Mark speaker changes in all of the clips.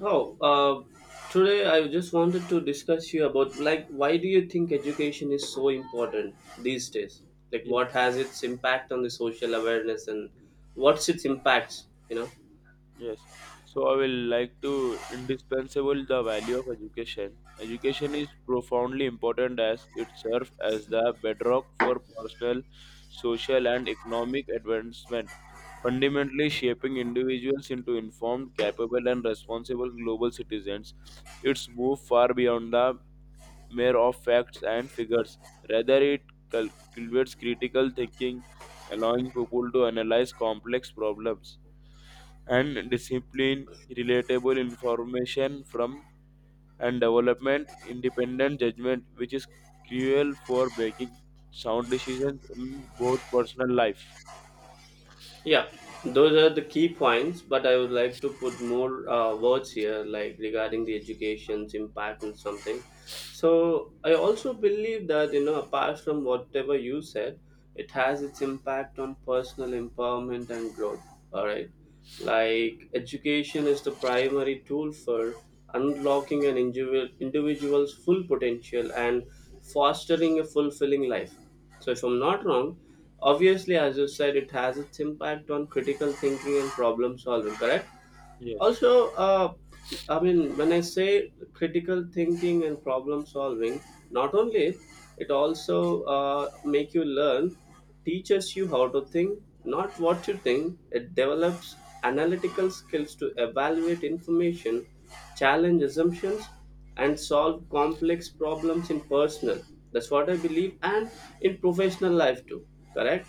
Speaker 1: Oh, uh, today I just wanted to discuss you about like why do you think education is so important these days? Like
Speaker 2: Yeah,
Speaker 1: what has its impact on the social awareness and what's its impacts?
Speaker 2: yes. So I will like to indispensable the value of education. Education is profoundly important as it serves as the bedrock for personal, social, and economic advancement, fundamentally shaping individuals into informed, capable, and responsible global citizens. Its move far beyond the mere of facts and figures. Rather, it cultivates critical thinking, allowing people to analyze complex problems and discipline, relatable information from and development, independent judgment, which is crucial for making sound decisions in both personal life.
Speaker 1: Yeah, those are the key points. But I would like to put more words here, like regarding the education's impact and something. So I also believe that you know, apart from whatever you said, it has its impact on personal empowerment and growth. All right. Like, education is the primary tool for unlocking an individual's full potential and fostering a fulfilling life. So, if I'm not wrong, obviously, as you said, it has its impact on critical thinking and problem solving, correct?
Speaker 2: Yes.
Speaker 1: Also, I mean, when I say critical thinking and problem solving, not only it also make you learn, teaches you how to think, not what you think. It develops analytical skills to evaluate information, challenge assumptions, and solve complex problems in personal, that's what I believe, and in professional life too, correct?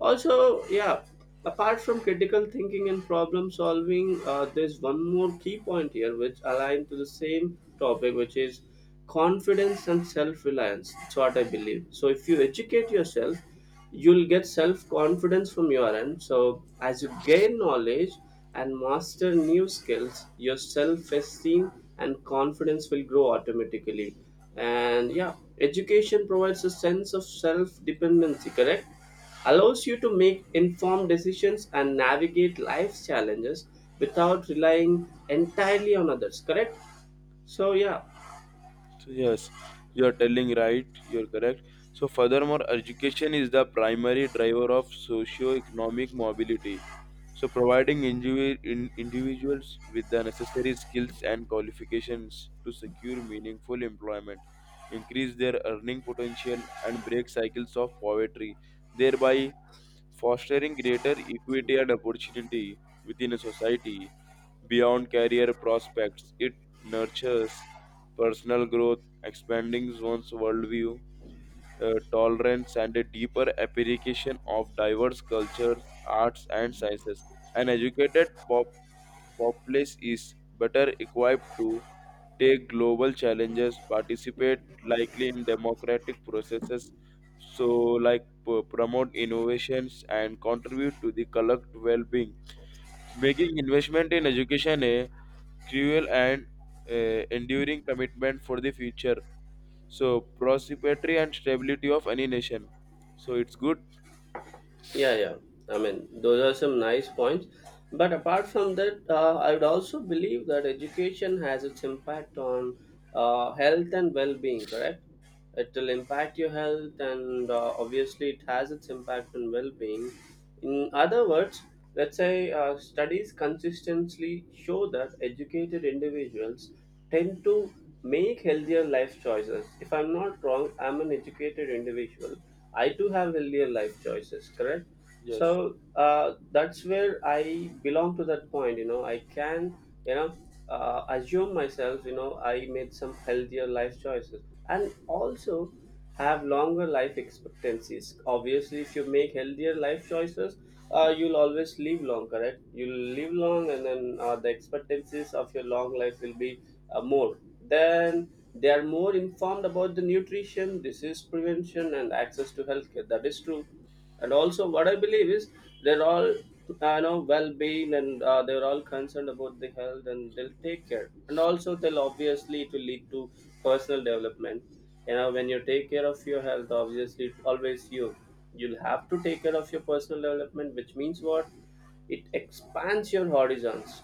Speaker 1: Also, yeah, apart from critical thinking and problem solving, there's one more key point here which align to the same topic, which is confidence and self-reliance. That's what I believe. So if you educate yourself, you'll get self confidence from your end. So as you gain knowledge and master new skills, your self esteem and confidence will grow automatically. And yeah, education provides a sense of self dependency, correct, allows you to make informed decisions and navigate life's challenges without relying entirely on others, correct? So yeah.
Speaker 2: So yes, you are telling right, you're correct. So furthermore, education is the primary driver of socio-economic mobility. So providing individuals with the necessary skills and qualifications to secure meaningful employment, increase their earning potential and break cycles of poverty, thereby fostering greater equity and opportunity within a society beyond career prospects. It nurtures personal growth, expanding one's worldview, tolerance, and a deeper appreciation of diverse cultures, arts, and sciences. An educated populace is better equipped to take global challenges, participate likely in democratic processes, so like promote innovations and contribute to the collective well-being. Making investment in education a cruel and enduring commitment for the future so prosperity and stability of any nation. So it's good.
Speaker 1: Yeah, yeah, I mean, those are some nice points. But apart from that, I would also believe that education has its impact on health and well-being, correct? It will impact your health, and obviously, it has its impact on well-being. In other words, let's say studies consistently show that educated individuals tend to make healthier life choices. If I'm not wrong, I'm an educated individual, I do have healthier life choices, correct?
Speaker 2: Yes.
Speaker 1: So that's where I belong to that point. You know, I can, you know, assume myself, I made some healthier life choices and also have longer life expectancies. Obviously, if you make healthier life choices, you'll always live long, correct? You'll live long, and then the expectancies of your long life will be more. Then they are more informed about the nutrition, disease prevention, and access to healthcare. That is true. And also, what I believe is they're all, I know, well-being, and they're all concerned about the health, and they'll take care. And also, they'll obviously it will lead to personal development. You know, when you take care of your health, obviously, it always you you'll have to take care of your personal development, which means what? It expands your horizons.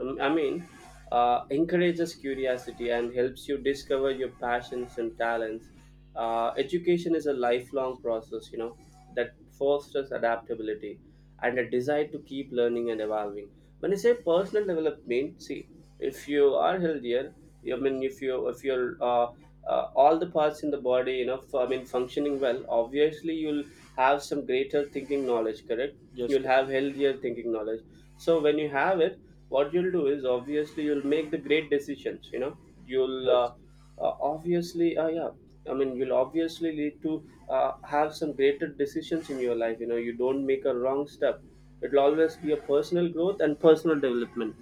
Speaker 1: um, I mean, encourages curiosity and helps you discover your passions and talents. Education is a lifelong process, you know, that fosters adaptability and a desire to keep learning and evolving. When I say personal development, see, if you are healthier, I
Speaker 2: Yes.
Speaker 1: mean, if you're all the parts in the body, you know, I mean, functioning well, obviously you'll have some greater thinking knowledge, correct?
Speaker 2: Yes.
Speaker 1: You'll have healthier thinking knowledge. So when you have it, what you'll do is obviously you'll make the great decisions, you know. You'll
Speaker 2: Yes.
Speaker 1: obviously yeah, I mean, you'll obviously need to have some greater decisions in your life. You know, you don't make a wrong step. It'll always be a personal growth and personal development.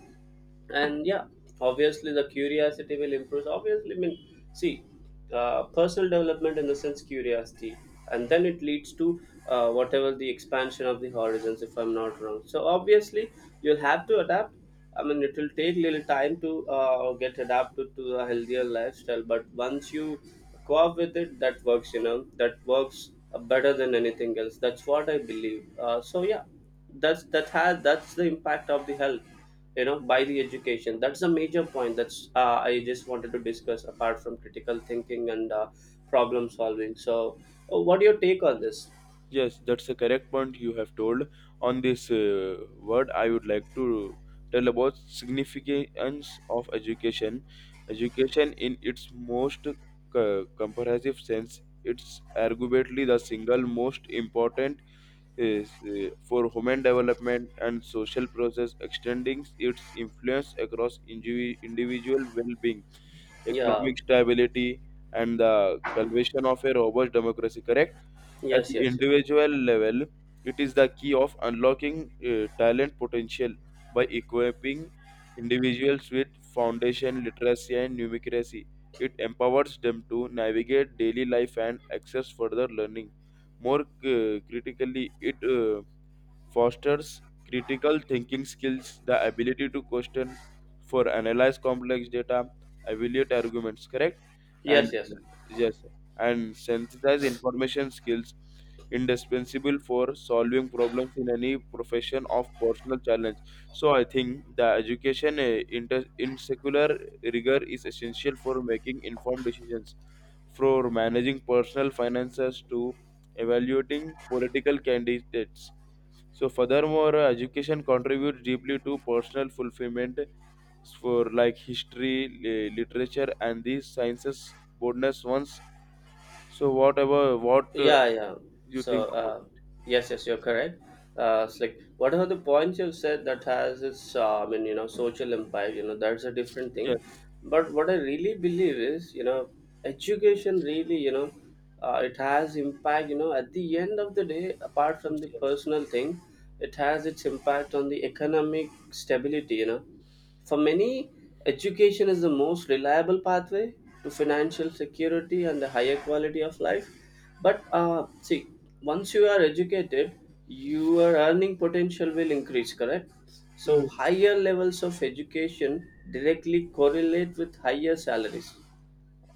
Speaker 1: And yeah, obviously the curiosity will improve. Obviously, I mean, see, personal development in the sense curiosity, and then it leads to whatever the expansion of the horizons, if I'm not wrong. So obviously, you'll have to adapt. I mean, it will take little time to get adapted to a healthier lifestyle, but once you co-op with it, that works, you know, that works better than anything else. That's what I believe. So yeah, that's that has that's the impact of the health, you know, by the education. That's a major point. That's I just wanted to discuss apart from critical thinking and problem solving. So what do you take on this?
Speaker 2: Yes. That's a correct point you have told. On this word, I would like to tell about significance of education. Education, in its most comprehensive sense, it's arguably the single most important is for human development and social process, extending its influence across individual well-being,
Speaker 1: Yeah.
Speaker 2: economic stability, and the cultivation of a robust democracy, correct? At
Speaker 1: Yes,
Speaker 2: the
Speaker 1: yes, yes.
Speaker 2: individual level, it is the key of unlocking talent potential by equipping individuals with foundation literacy and numeracy. It empowers them to navigate daily life and access further learning. More critically, it fosters critical thinking skills, the ability to question, for analyze complex data, evaluate arguments, correct? And
Speaker 1: Yes, yes.
Speaker 2: yes, and synthesize information skills, indispensable for solving problems in any profession of personal challenge. So I think the education in secular rigor is essential for making informed decisions, for managing personal finances to evaluating political candidates. So furthermore, education contributes deeply to personal fulfillment for like history, literature, and these sciences bonus ones. So whatever what
Speaker 1: Yeah, yeah.
Speaker 2: you
Speaker 1: So,
Speaker 2: think about it?
Speaker 1: yes, yes, you're correct. It's like what are the points you've said that has its, I mean, you know, social impact. You know, that's a different thing.
Speaker 2: Yes,
Speaker 1: But what I really believe is, you know, education really, you know, it has impact. You know, at the end of the day, apart
Speaker 2: yes,
Speaker 1: from the
Speaker 2: yes.
Speaker 1: personal thing, it has its impact on the economic stability. You know, for many, education is the most reliable pathway to financial security and a higher quality of life. But see, once you are educated, your earning potential will increase, correct? So,
Speaker 2: Yes,
Speaker 1: higher levels of education directly correlate with higher salaries.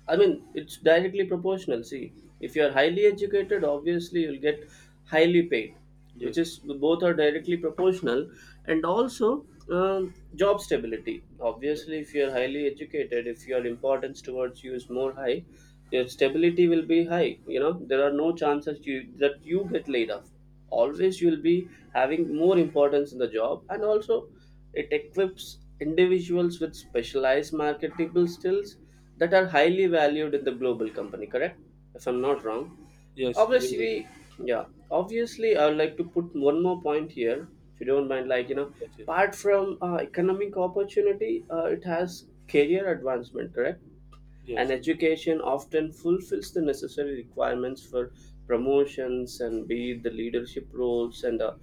Speaker 1: I mean, it's directly proportional. See, if you're highly educated, obviously you'll get highly paid,
Speaker 2: yes,
Speaker 1: which is both are directly proportional, and also job stability.
Speaker 2: yes,
Speaker 1: Obviously, if you're highly educated, if your importance towards you is more high, your stability will be high. You know, there are no chances you that you get laid off. Always, you'll be having more importance in the job, and also it equips individuals with specialized marketable skills that are highly valued in the global company, correct, if I'm not wrong.
Speaker 2: yes, yes, you're
Speaker 1: Obviously,
Speaker 2: right.
Speaker 1: yeah, obviously I would like to put one more point here, if you don't mind, like, you know,
Speaker 2: Yes, yes,
Speaker 1: apart from economic opportunity, it has career advancement, correct? And
Speaker 2: yes, yes, yes,
Speaker 1: education often fulfills the necessary requirements for promotions and be it the leadership roles and a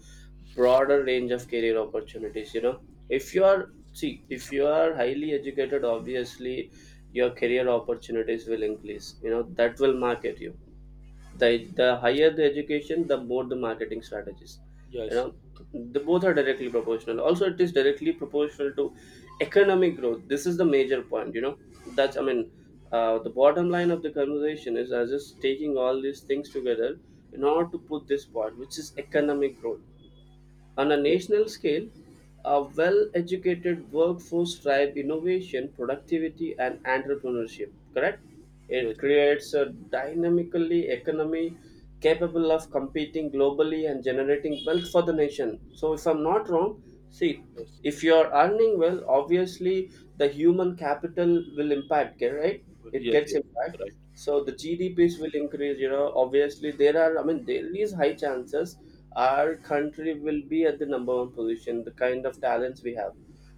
Speaker 1: broader range of career opportunities. You know, if you are, see, if you are highly educated, obviously your career opportunities will increase. You know, that will market you. The higher the education, the more the marketing strategies, you
Speaker 2: yes,
Speaker 1: know.
Speaker 2: yes,
Speaker 1: The both are directly proportional. Also, it is directly proportional to economic growth. This is the major point, you know. That's I mean, the bottom line of the conversation is I was just taking all these things together in order to put this part, which is economic growth. On a national scale, a well educated workforce drives innovation, productivity, and entrepreneurship, correct?
Speaker 2: yes,
Speaker 1: It
Speaker 2: yes,
Speaker 1: creates a dynamically economy capable of competing globally and generating wealth for the nation. So, if I'm not wrong, see, if you're earning well, obviously the human capital will impact, okay, right? It
Speaker 2: yes,
Speaker 1: gets
Speaker 2: yes,
Speaker 1: impact.
Speaker 2: right,
Speaker 1: So the GDPs will increase, you know. Obviously, there are, I mean, there is high chances our country will be at the number one position the kind of talents we have.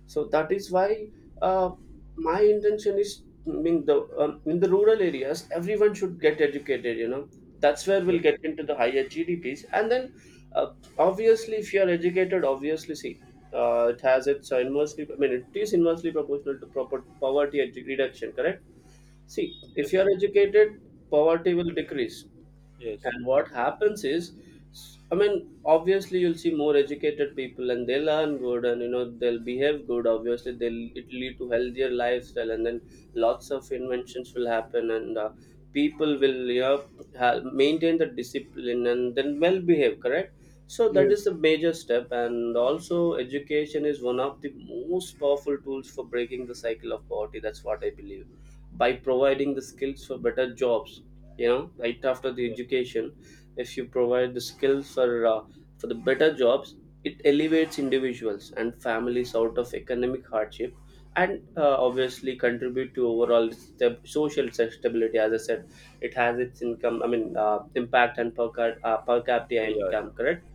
Speaker 1: So that is why uh, my intention is, I mean, the in the rural areas everyone should get educated, you know. That's where
Speaker 2: yes,
Speaker 1: we'll get into the higher gdps and then uh, obviously if you are educated, obviously see, it has its inversely, I mean, it is inversely proportional to proper reduction, correct? See, if you
Speaker 2: yes,
Speaker 1: are educated, poverty will decrease.
Speaker 2: yes.
Speaker 1: And what happens is, I mean, obviously you'll see more educated people and they learn good, and you know, they'll behave good. Obviously, they'll it lead to healthier lifestyle, and then lots of inventions will happen, and people will, you know, maintain the discipline and then well behave. Correct. So that is
Speaker 2: Yes.
Speaker 1: the major step, and also education is one of the most powerful tools for breaking the cycle of poverty. That's what I believe, by providing the skills for better jobs, you know, right after the
Speaker 2: Yeah,
Speaker 1: education. If you provide the skills for the better jobs, it elevates individuals and families out of economic hardship, and obviously contribute to overall social stability. As I said, it has its income, I mean, impact and per
Speaker 2: yeah,
Speaker 1: capita income,
Speaker 2: yeah,
Speaker 1: correct?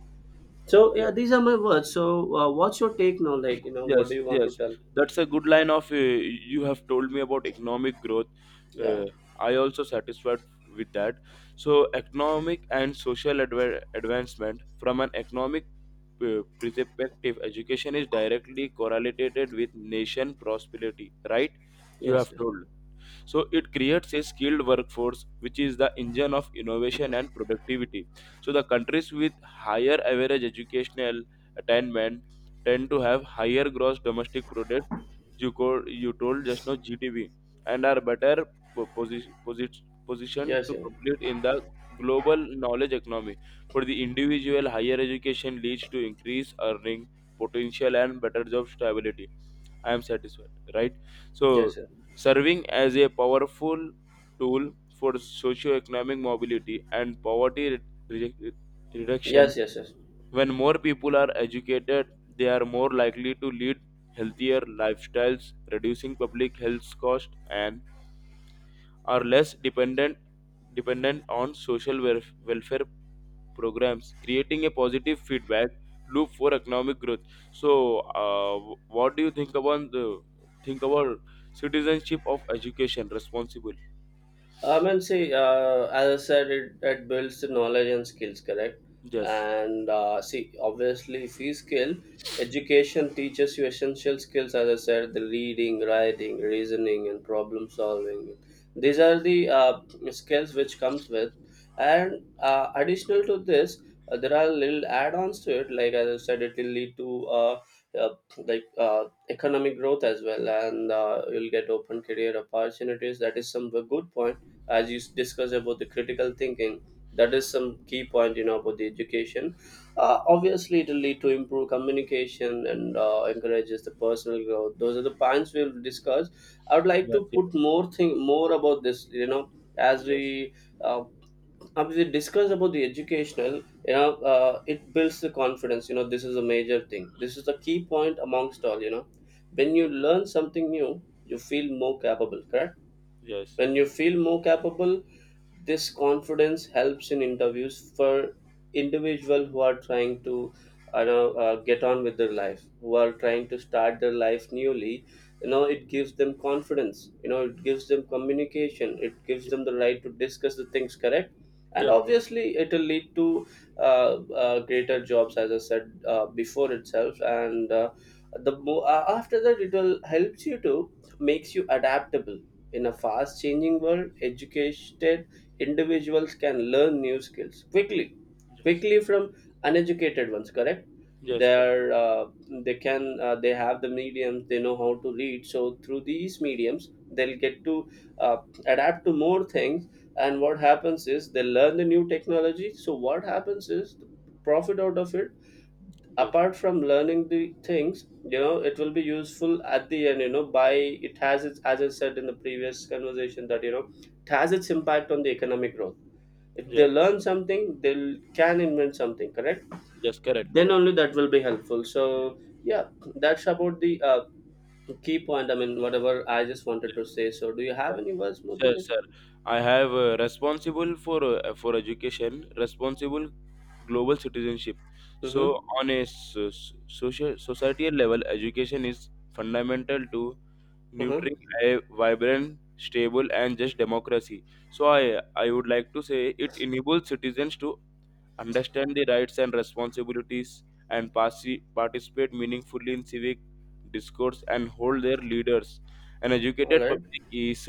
Speaker 1: So
Speaker 2: yeah.
Speaker 1: yeah, these are my words. So what's your take now? Like, you know, what do
Speaker 2: Yes,
Speaker 1: you want to
Speaker 2: yes,
Speaker 1: tell?
Speaker 2: that's a good line of you have told me about economic growth.
Speaker 1: Yeah.
Speaker 2: Uh, I also satisfied with that. So, economic and social advancement from an economic perspective, education is directly correlated with nation prosperity. Right? You
Speaker 1: Yes,
Speaker 2: have
Speaker 1: yes,
Speaker 2: told, so it creates a skilled workforce which is the engine of innovation and productivity, so the countries with higher average educational attainment tend to have higher gross domestic product, you called, you told just now GTV, and are better positioned
Speaker 1: yes.
Speaker 2: to
Speaker 1: Yes,
Speaker 2: compete in the global knowledge economy. For the individual, higher education leads to increased earning potential and better job stability. I am satisfied, right?
Speaker 1: yes,
Speaker 2: So,
Speaker 1: yes.
Speaker 2: serving as a powerful tool for socio-economic mobility and poverty re- reduction.
Speaker 1: Yes, yes, yes.
Speaker 2: When more people are educated, they are more likely to lead healthier lifestyles, reducing public health costs, and are less dependent on social welfare programs, creating a positive feedback loop for economic growth. So, what do you think about the think about citizenship of education responsible?
Speaker 1: I mean, see, as I said, it builds the knowledge and skills, correct?
Speaker 2: Yes.
Speaker 1: And see, obviously, if you skill, education teaches you essential skills, as I said, the reading, writing, reasoning, and problem solving. These are the skills which comes with. And additional to this, there are little add-ons to it. Like as I said, it will lead to like economic growth as well, and you'll get open career opportunities. That is some good point as discussed about the critical thinking. That is some key point, you know, about the education. Obviously, it will lead to improve communication and encourages the personal growth. Those are the points we'll discuss. I would like
Speaker 2: Yes.
Speaker 1: to put more thing more about this, you know, as
Speaker 2: Yes.
Speaker 1: we uh, as we discussed about the educational. You know, it builds the confidence, you know. This is a major thing, this is the key point amongst all, you know. When you learn something new, you feel more capable, correct?
Speaker 2: Yes.
Speaker 1: When you feel more capable, this confidence helps in interviews for individual who are trying to, get on with their life, who are trying to start their life newly. You know, it gives them confidence. You know, it gives them communication. It gives
Speaker 2: Yes.
Speaker 1: them the right to discuss the things, correct? And
Speaker 2: Yes.
Speaker 1: obviously, it will lead to greater jobs, as I said before itself. And uh, after that, it will helps you to makes you adaptable in a fast changing world. Educated individuals can learn new skills quickly, quickly from uneducated ones, correct?
Speaker 2: Yes. Yes. Yes. Correct.
Speaker 1: They're, uh, they have the mediums, they know how to read, so through these mediums they'll get to uh, adapt to more things. And what happens is they learn the new technology, so what happens is the profit out of it,
Speaker 2: Yes.
Speaker 1: apart from learning the things, you know, it will be useful at the end, you know. By it has its, as I said in the previous conversation, that you know it has its impact on the economic growth. If they
Speaker 2: Yes.
Speaker 1: learn something, they will can invent something, correct?
Speaker 2: Yes. Correct.
Speaker 1: Then
Speaker 2: Correct.
Speaker 1: only that will be helpful. So yeah, that's about the key point, I mean whatever I just wanted to say. So do you have any words more than
Speaker 2: Sir,
Speaker 1: this?
Speaker 2: sir, I have responsible for education, responsible global citizenship. So
Speaker 1: Mm-hmm.
Speaker 2: on a social societal level, education is fundamental to
Speaker 1: Mm-hmm.
Speaker 2: nurturing a vibrant, stable, and just democracy. So I would like to say it enables citizens to understand the rights and responsibilities and participate meaningfully in civic discourse and hold their leaders. An
Speaker 1: All
Speaker 2: educated
Speaker 1: right.
Speaker 2: public is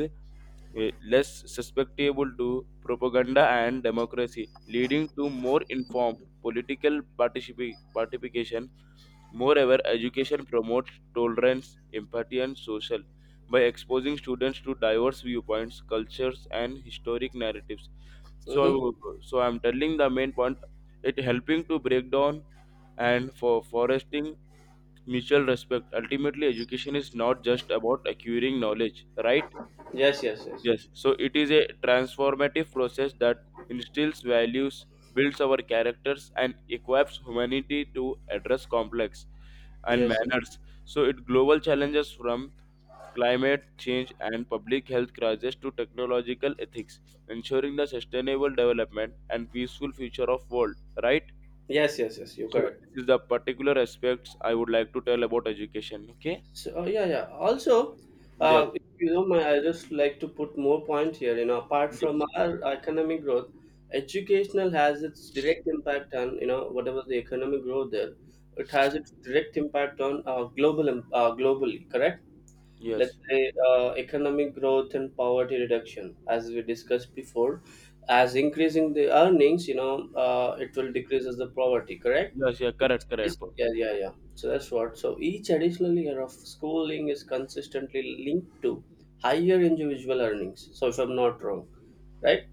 Speaker 2: less susceptible to propaganda and democracy, leading to more informed political participation. Moreover, education promotes tolerance, empathy, and social by exposing students to diverse viewpoints, cultures, and historic narratives.
Speaker 1: Mm-hmm.
Speaker 2: So, so I'm telling the main point. It helping to break down and for fostering mutual respect. Ultimately, education is not just about acquiring knowledge, right?
Speaker 1: Yes, yes, yes.
Speaker 2: Yes, so it is a transformative process that instills values, builds our characters, and equips humanity to address complex and
Speaker 1: Yes, yes,
Speaker 2: manners. So it global challenges from climate change and public health crisis to technological ethics, ensuring the sustainable development and peaceful future of world. Right.
Speaker 1: yes, yes, yes, you're
Speaker 2: So
Speaker 1: correct.
Speaker 2: this is the particular aspects I would like to tell about education. Okay.
Speaker 1: So yeah, yeah. Also,
Speaker 2: Yes.
Speaker 1: if you know, my I just like to put more point here. You know, apart from
Speaker 2: Yes.
Speaker 1: our economic growth, educational has its direct impact on, you know, whatever the economic growth there. It has its direct impact on globally. Correct.
Speaker 2: Yes.
Speaker 1: Let's say economic growth and poverty reduction, as we discussed before, as increasing the earnings, you know, it will decrease as the poverty, correct?
Speaker 2: Yes. Yeah. Correct. Correct, bro.
Speaker 1: Yeah, yeah, yeah. So that's what, so each additional year of schooling is consistently linked to higher individual earnings. So if I'm not wrong, right?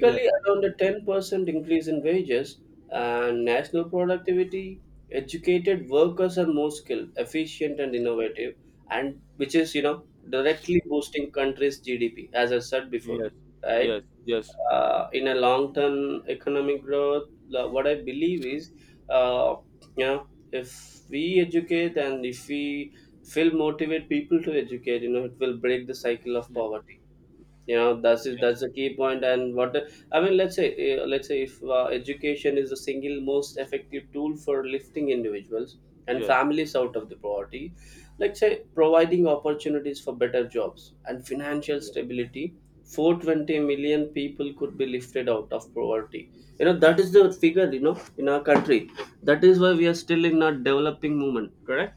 Speaker 2: Yeah.
Speaker 1: around a 10% increase in wages and national productivity. Educated workers are more skilled, efficient, and innovative, and which is, you know, directly boosting country's GDP, as I said before,
Speaker 2: Yes,
Speaker 1: right?
Speaker 2: yes, yes,
Speaker 1: In a long term economic growth what I believe is, uh, you know, if we educate and if we feel motivate people to educate, you know, it will break the cycle of poverty, you know. That's it,
Speaker 2: yes,
Speaker 1: that's a key point point. And what I mean, let's say if education is the single most effective tool for lifting individuals and
Speaker 2: yes, yes,
Speaker 1: families out of the poverty, let's say providing opportunities for better jobs and financial stability. 420 million people could be lifted out of poverty, you know. That is the figure, you know, in our country. That is why we are still in a developing movement, correct?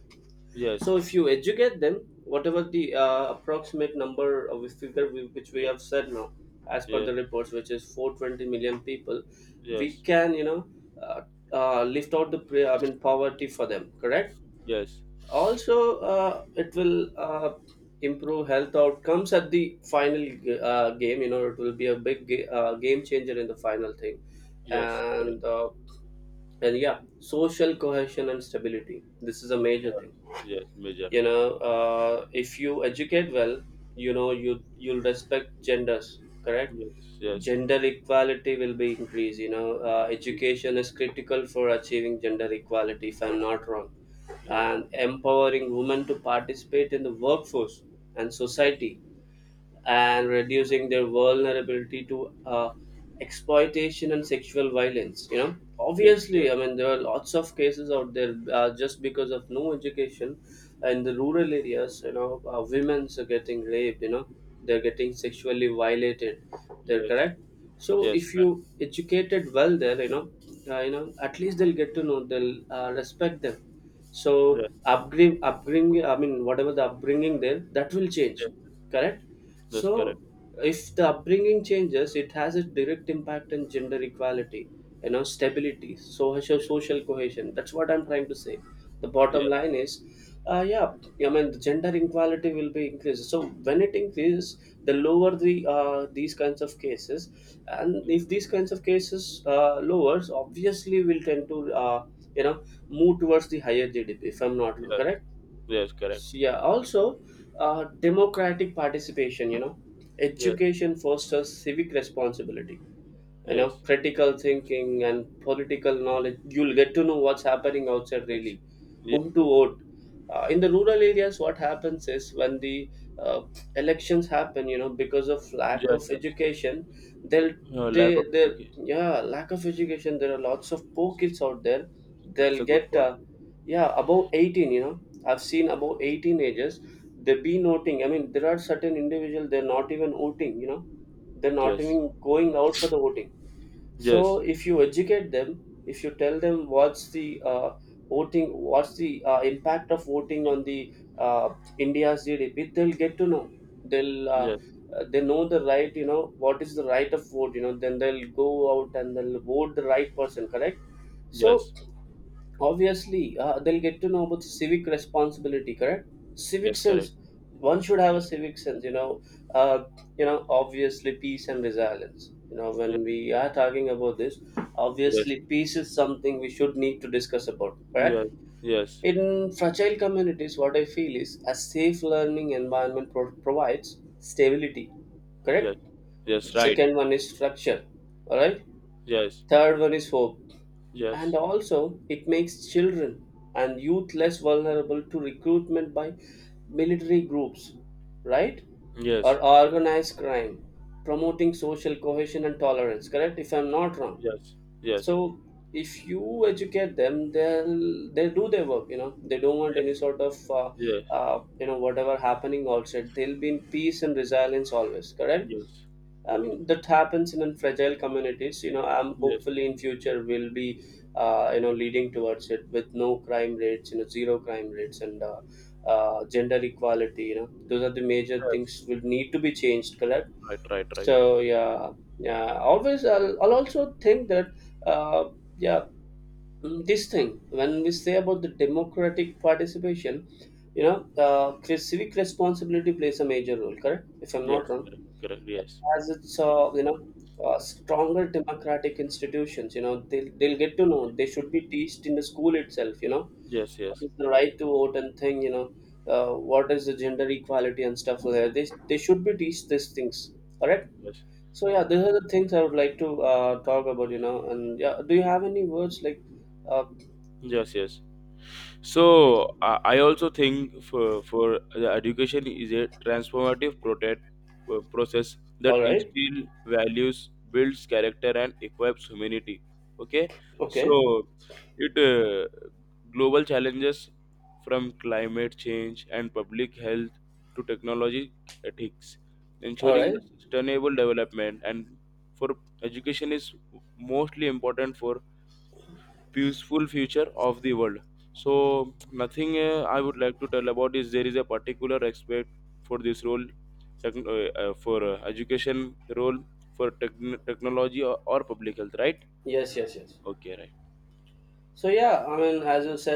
Speaker 2: yes,
Speaker 1: So
Speaker 2: yes,
Speaker 1: if you educate them, whatever the approximate number of figure we, which we have said now, as per
Speaker 2: yes,
Speaker 1: the reports, which is 420 million people, we
Speaker 2: yes,
Speaker 1: can, you know, uh, lift out the I mean poverty for them. Correct.
Speaker 2: yes, yes,
Speaker 1: Also, it will improve health outcomes at the game. You know, it will be a big game changer in the final thing,
Speaker 2: yes, correct.
Speaker 1: and uh, and yeah, social cohesion and stability. This is a major
Speaker 2: Yes,
Speaker 1: thing.
Speaker 2: yes, major.
Speaker 1: You know, if you educate well, you know, you'll respect genders, correct?
Speaker 2: Yes, yes,
Speaker 1: Gender equality will be increased, you know.
Speaker 2: degree.
Speaker 1: Education is critical for achieving gender equality, if I'm
Speaker 2: Yes,
Speaker 1: not wrong,
Speaker 2: yes,
Speaker 1: and empowering women to participate in the workforce and
Speaker 2: yes,
Speaker 1: society,
Speaker 2: yes,
Speaker 1: and reducing their vulnerability to exploitation and sexual violence. You know,
Speaker 2: yes,
Speaker 1: obviously, I mean, there are lots of cases out there just because of no education in the rural areas. You know, women's are getting raped. You know, they're getting sexually violated. They're
Speaker 2: yes,
Speaker 1: correct. So
Speaker 2: yes,
Speaker 1: if you educated well there, you know, at least they'll get to know. They'll respect them.
Speaker 2: right.
Speaker 1: So
Speaker 2: Yes,
Speaker 1: upbringing, upbringing, I mean, whatever the upbringing there, that
Speaker 2: yes,
Speaker 1: will change,
Speaker 2: yes,
Speaker 1: correct?
Speaker 2: that's correct.
Speaker 1: So if the upbringing changes, it has a direct impact on gender equality, you know, stability, social
Speaker 2: Yes,
Speaker 1: social cohesion. That's what I'm trying to say. The bottom
Speaker 2: yes,
Speaker 1: line is, yeah, I mean the gender inequality will be increased. So when it increases, the lower the these kinds of cases, and if these
Speaker 2: yes,
Speaker 1: kinds of cases lowers, obviously will tend to you know move towards the higher GDP. If I'm not wrong,
Speaker 2: yes,
Speaker 1: correct?
Speaker 2: yes, correct.
Speaker 1: So, yeah. Also, democratic participation. You know,
Speaker 2: Yes,
Speaker 1: education fosters civic responsibility, you know,
Speaker 2: yes,
Speaker 1: critical
Speaker 2: yes,
Speaker 1: thinking and political knowledge. You'll get to know what's happening outside
Speaker 2: yes,
Speaker 1: really,
Speaker 2: yes,
Speaker 1: whom to
Speaker 2: yes,
Speaker 1: vote. In the rural areas, what happens is when the uh, elections happen, you know, because of
Speaker 2: yes,
Speaker 1: lack
Speaker 2: yes.
Speaker 1: of
Speaker 2: Yes.
Speaker 1: education, they'll
Speaker 2: Lack of
Speaker 1: they
Speaker 2: education.
Speaker 1: yeah, lack of education, there are lots of poor kids out there.
Speaker 2: That's
Speaker 1: They'll
Speaker 2: a good
Speaker 1: get
Speaker 2: point.
Speaker 1: yeah above 18, you know, I've seen above 18 ages, they be noting, I mean there are certain individual, they're not even voting, you know. They're not
Speaker 2: Yes.
Speaker 1: even going out for the voting.
Speaker 2: Yes.
Speaker 1: So if you educate them, if you tell them what's the voting, what's the impact of voting on the uh, India's GDP, they'll get to know. They'll
Speaker 2: Yes.
Speaker 1: they know the right, you know, what is the right of vote, you know, then they'll go out and they'll vote the right person, correct? So
Speaker 2: Yes.
Speaker 1: obviously, they'll get to know about civic responsibility, correct? Civic
Speaker 2: Yes. Correct.
Speaker 1: sense. One should have a
Speaker 2: Yes.
Speaker 1: civic sense, you know. Uh, you know, obviously, peace and resilience. You know, when we are talking about this,
Speaker 2: Yes.
Speaker 1: obviously, peace is something we should need to discuss about, correct?
Speaker 2: Yes. Yes. Yes.
Speaker 1: In fragile communities, what I feel is a safe learning environment provides stability,
Speaker 2: Yes.
Speaker 1: correct?
Speaker 2: Yes.
Speaker 1: The
Speaker 2: Right.
Speaker 1: second one is structure, all right?
Speaker 2: Yes.
Speaker 1: Third one is hope, and
Speaker 2: Yes.
Speaker 1: also it makes children and youth less vulnerable to recruitment by military groups, right? Or
Speaker 2: Yes.
Speaker 1: organized crime, promoting social cohesion and tolerance, correct, if I'm not wrong?
Speaker 2: Yes. Yes. Yes.
Speaker 1: So if you educate them, they'll do their work, you know, they don't want
Speaker 2: Yes.
Speaker 1: any sort of
Speaker 2: Yes.
Speaker 1: you know whatever happening outside. They'll be in peace and resilience always, correct? I mean that happens in fragile communities. You know, I'm
Speaker 2: Yes.
Speaker 1: hopefully in future will be, you know, leading towards it with no crime rates, you know, zero crime rates, and gender equality. You know, those are the major
Speaker 2: Yes.
Speaker 1: things will need to be changed. Correct.
Speaker 2: Right. Right. Right.
Speaker 1: So yeah, yeah. Always, I'll also think that, uh, yeah, mm, this thing when we say about the democratic participation, you know, civic responsibility plays a major role. Correct, if I'm not
Speaker 2: Yes.
Speaker 1: wrong,
Speaker 2: Correct. Correct. Yes.
Speaker 1: as it's you know stronger democratic institutions, you know they'll get to know they should be teached in the school itself, you know,
Speaker 2: Yes.
Speaker 1: what
Speaker 2: Yes.
Speaker 1: is the right to vote and thing, you know, what is the gender equality and stuff like
Speaker 2: Yes.
Speaker 1: that. They should be teach these things, all right?
Speaker 2: Yes.
Speaker 1: So yeah, these are the things I would like to talk about, you know. And yeah, do you have any words like, uh,
Speaker 2: Yes. Yes.
Speaker 1: please?
Speaker 2: So I also think for the education is a transformative protect, process that
Speaker 1: All right.
Speaker 2: instills values, builds character, and equips humanity. Okay, so
Speaker 1: Okay.
Speaker 2: it global challenges from climate change and public health to technology ethics,
Speaker 1: All
Speaker 2: ensuring the
Speaker 1: right.
Speaker 2: sustainable development and for education is mostly important for peaceful future of the world. So nothing I would like to tell about is there is a particular aspect for this role. Second, for education role for technology or public health, right?
Speaker 1: Yes, yes, yes.
Speaker 2: Okay, right.
Speaker 1: So yeah, I mean, as you said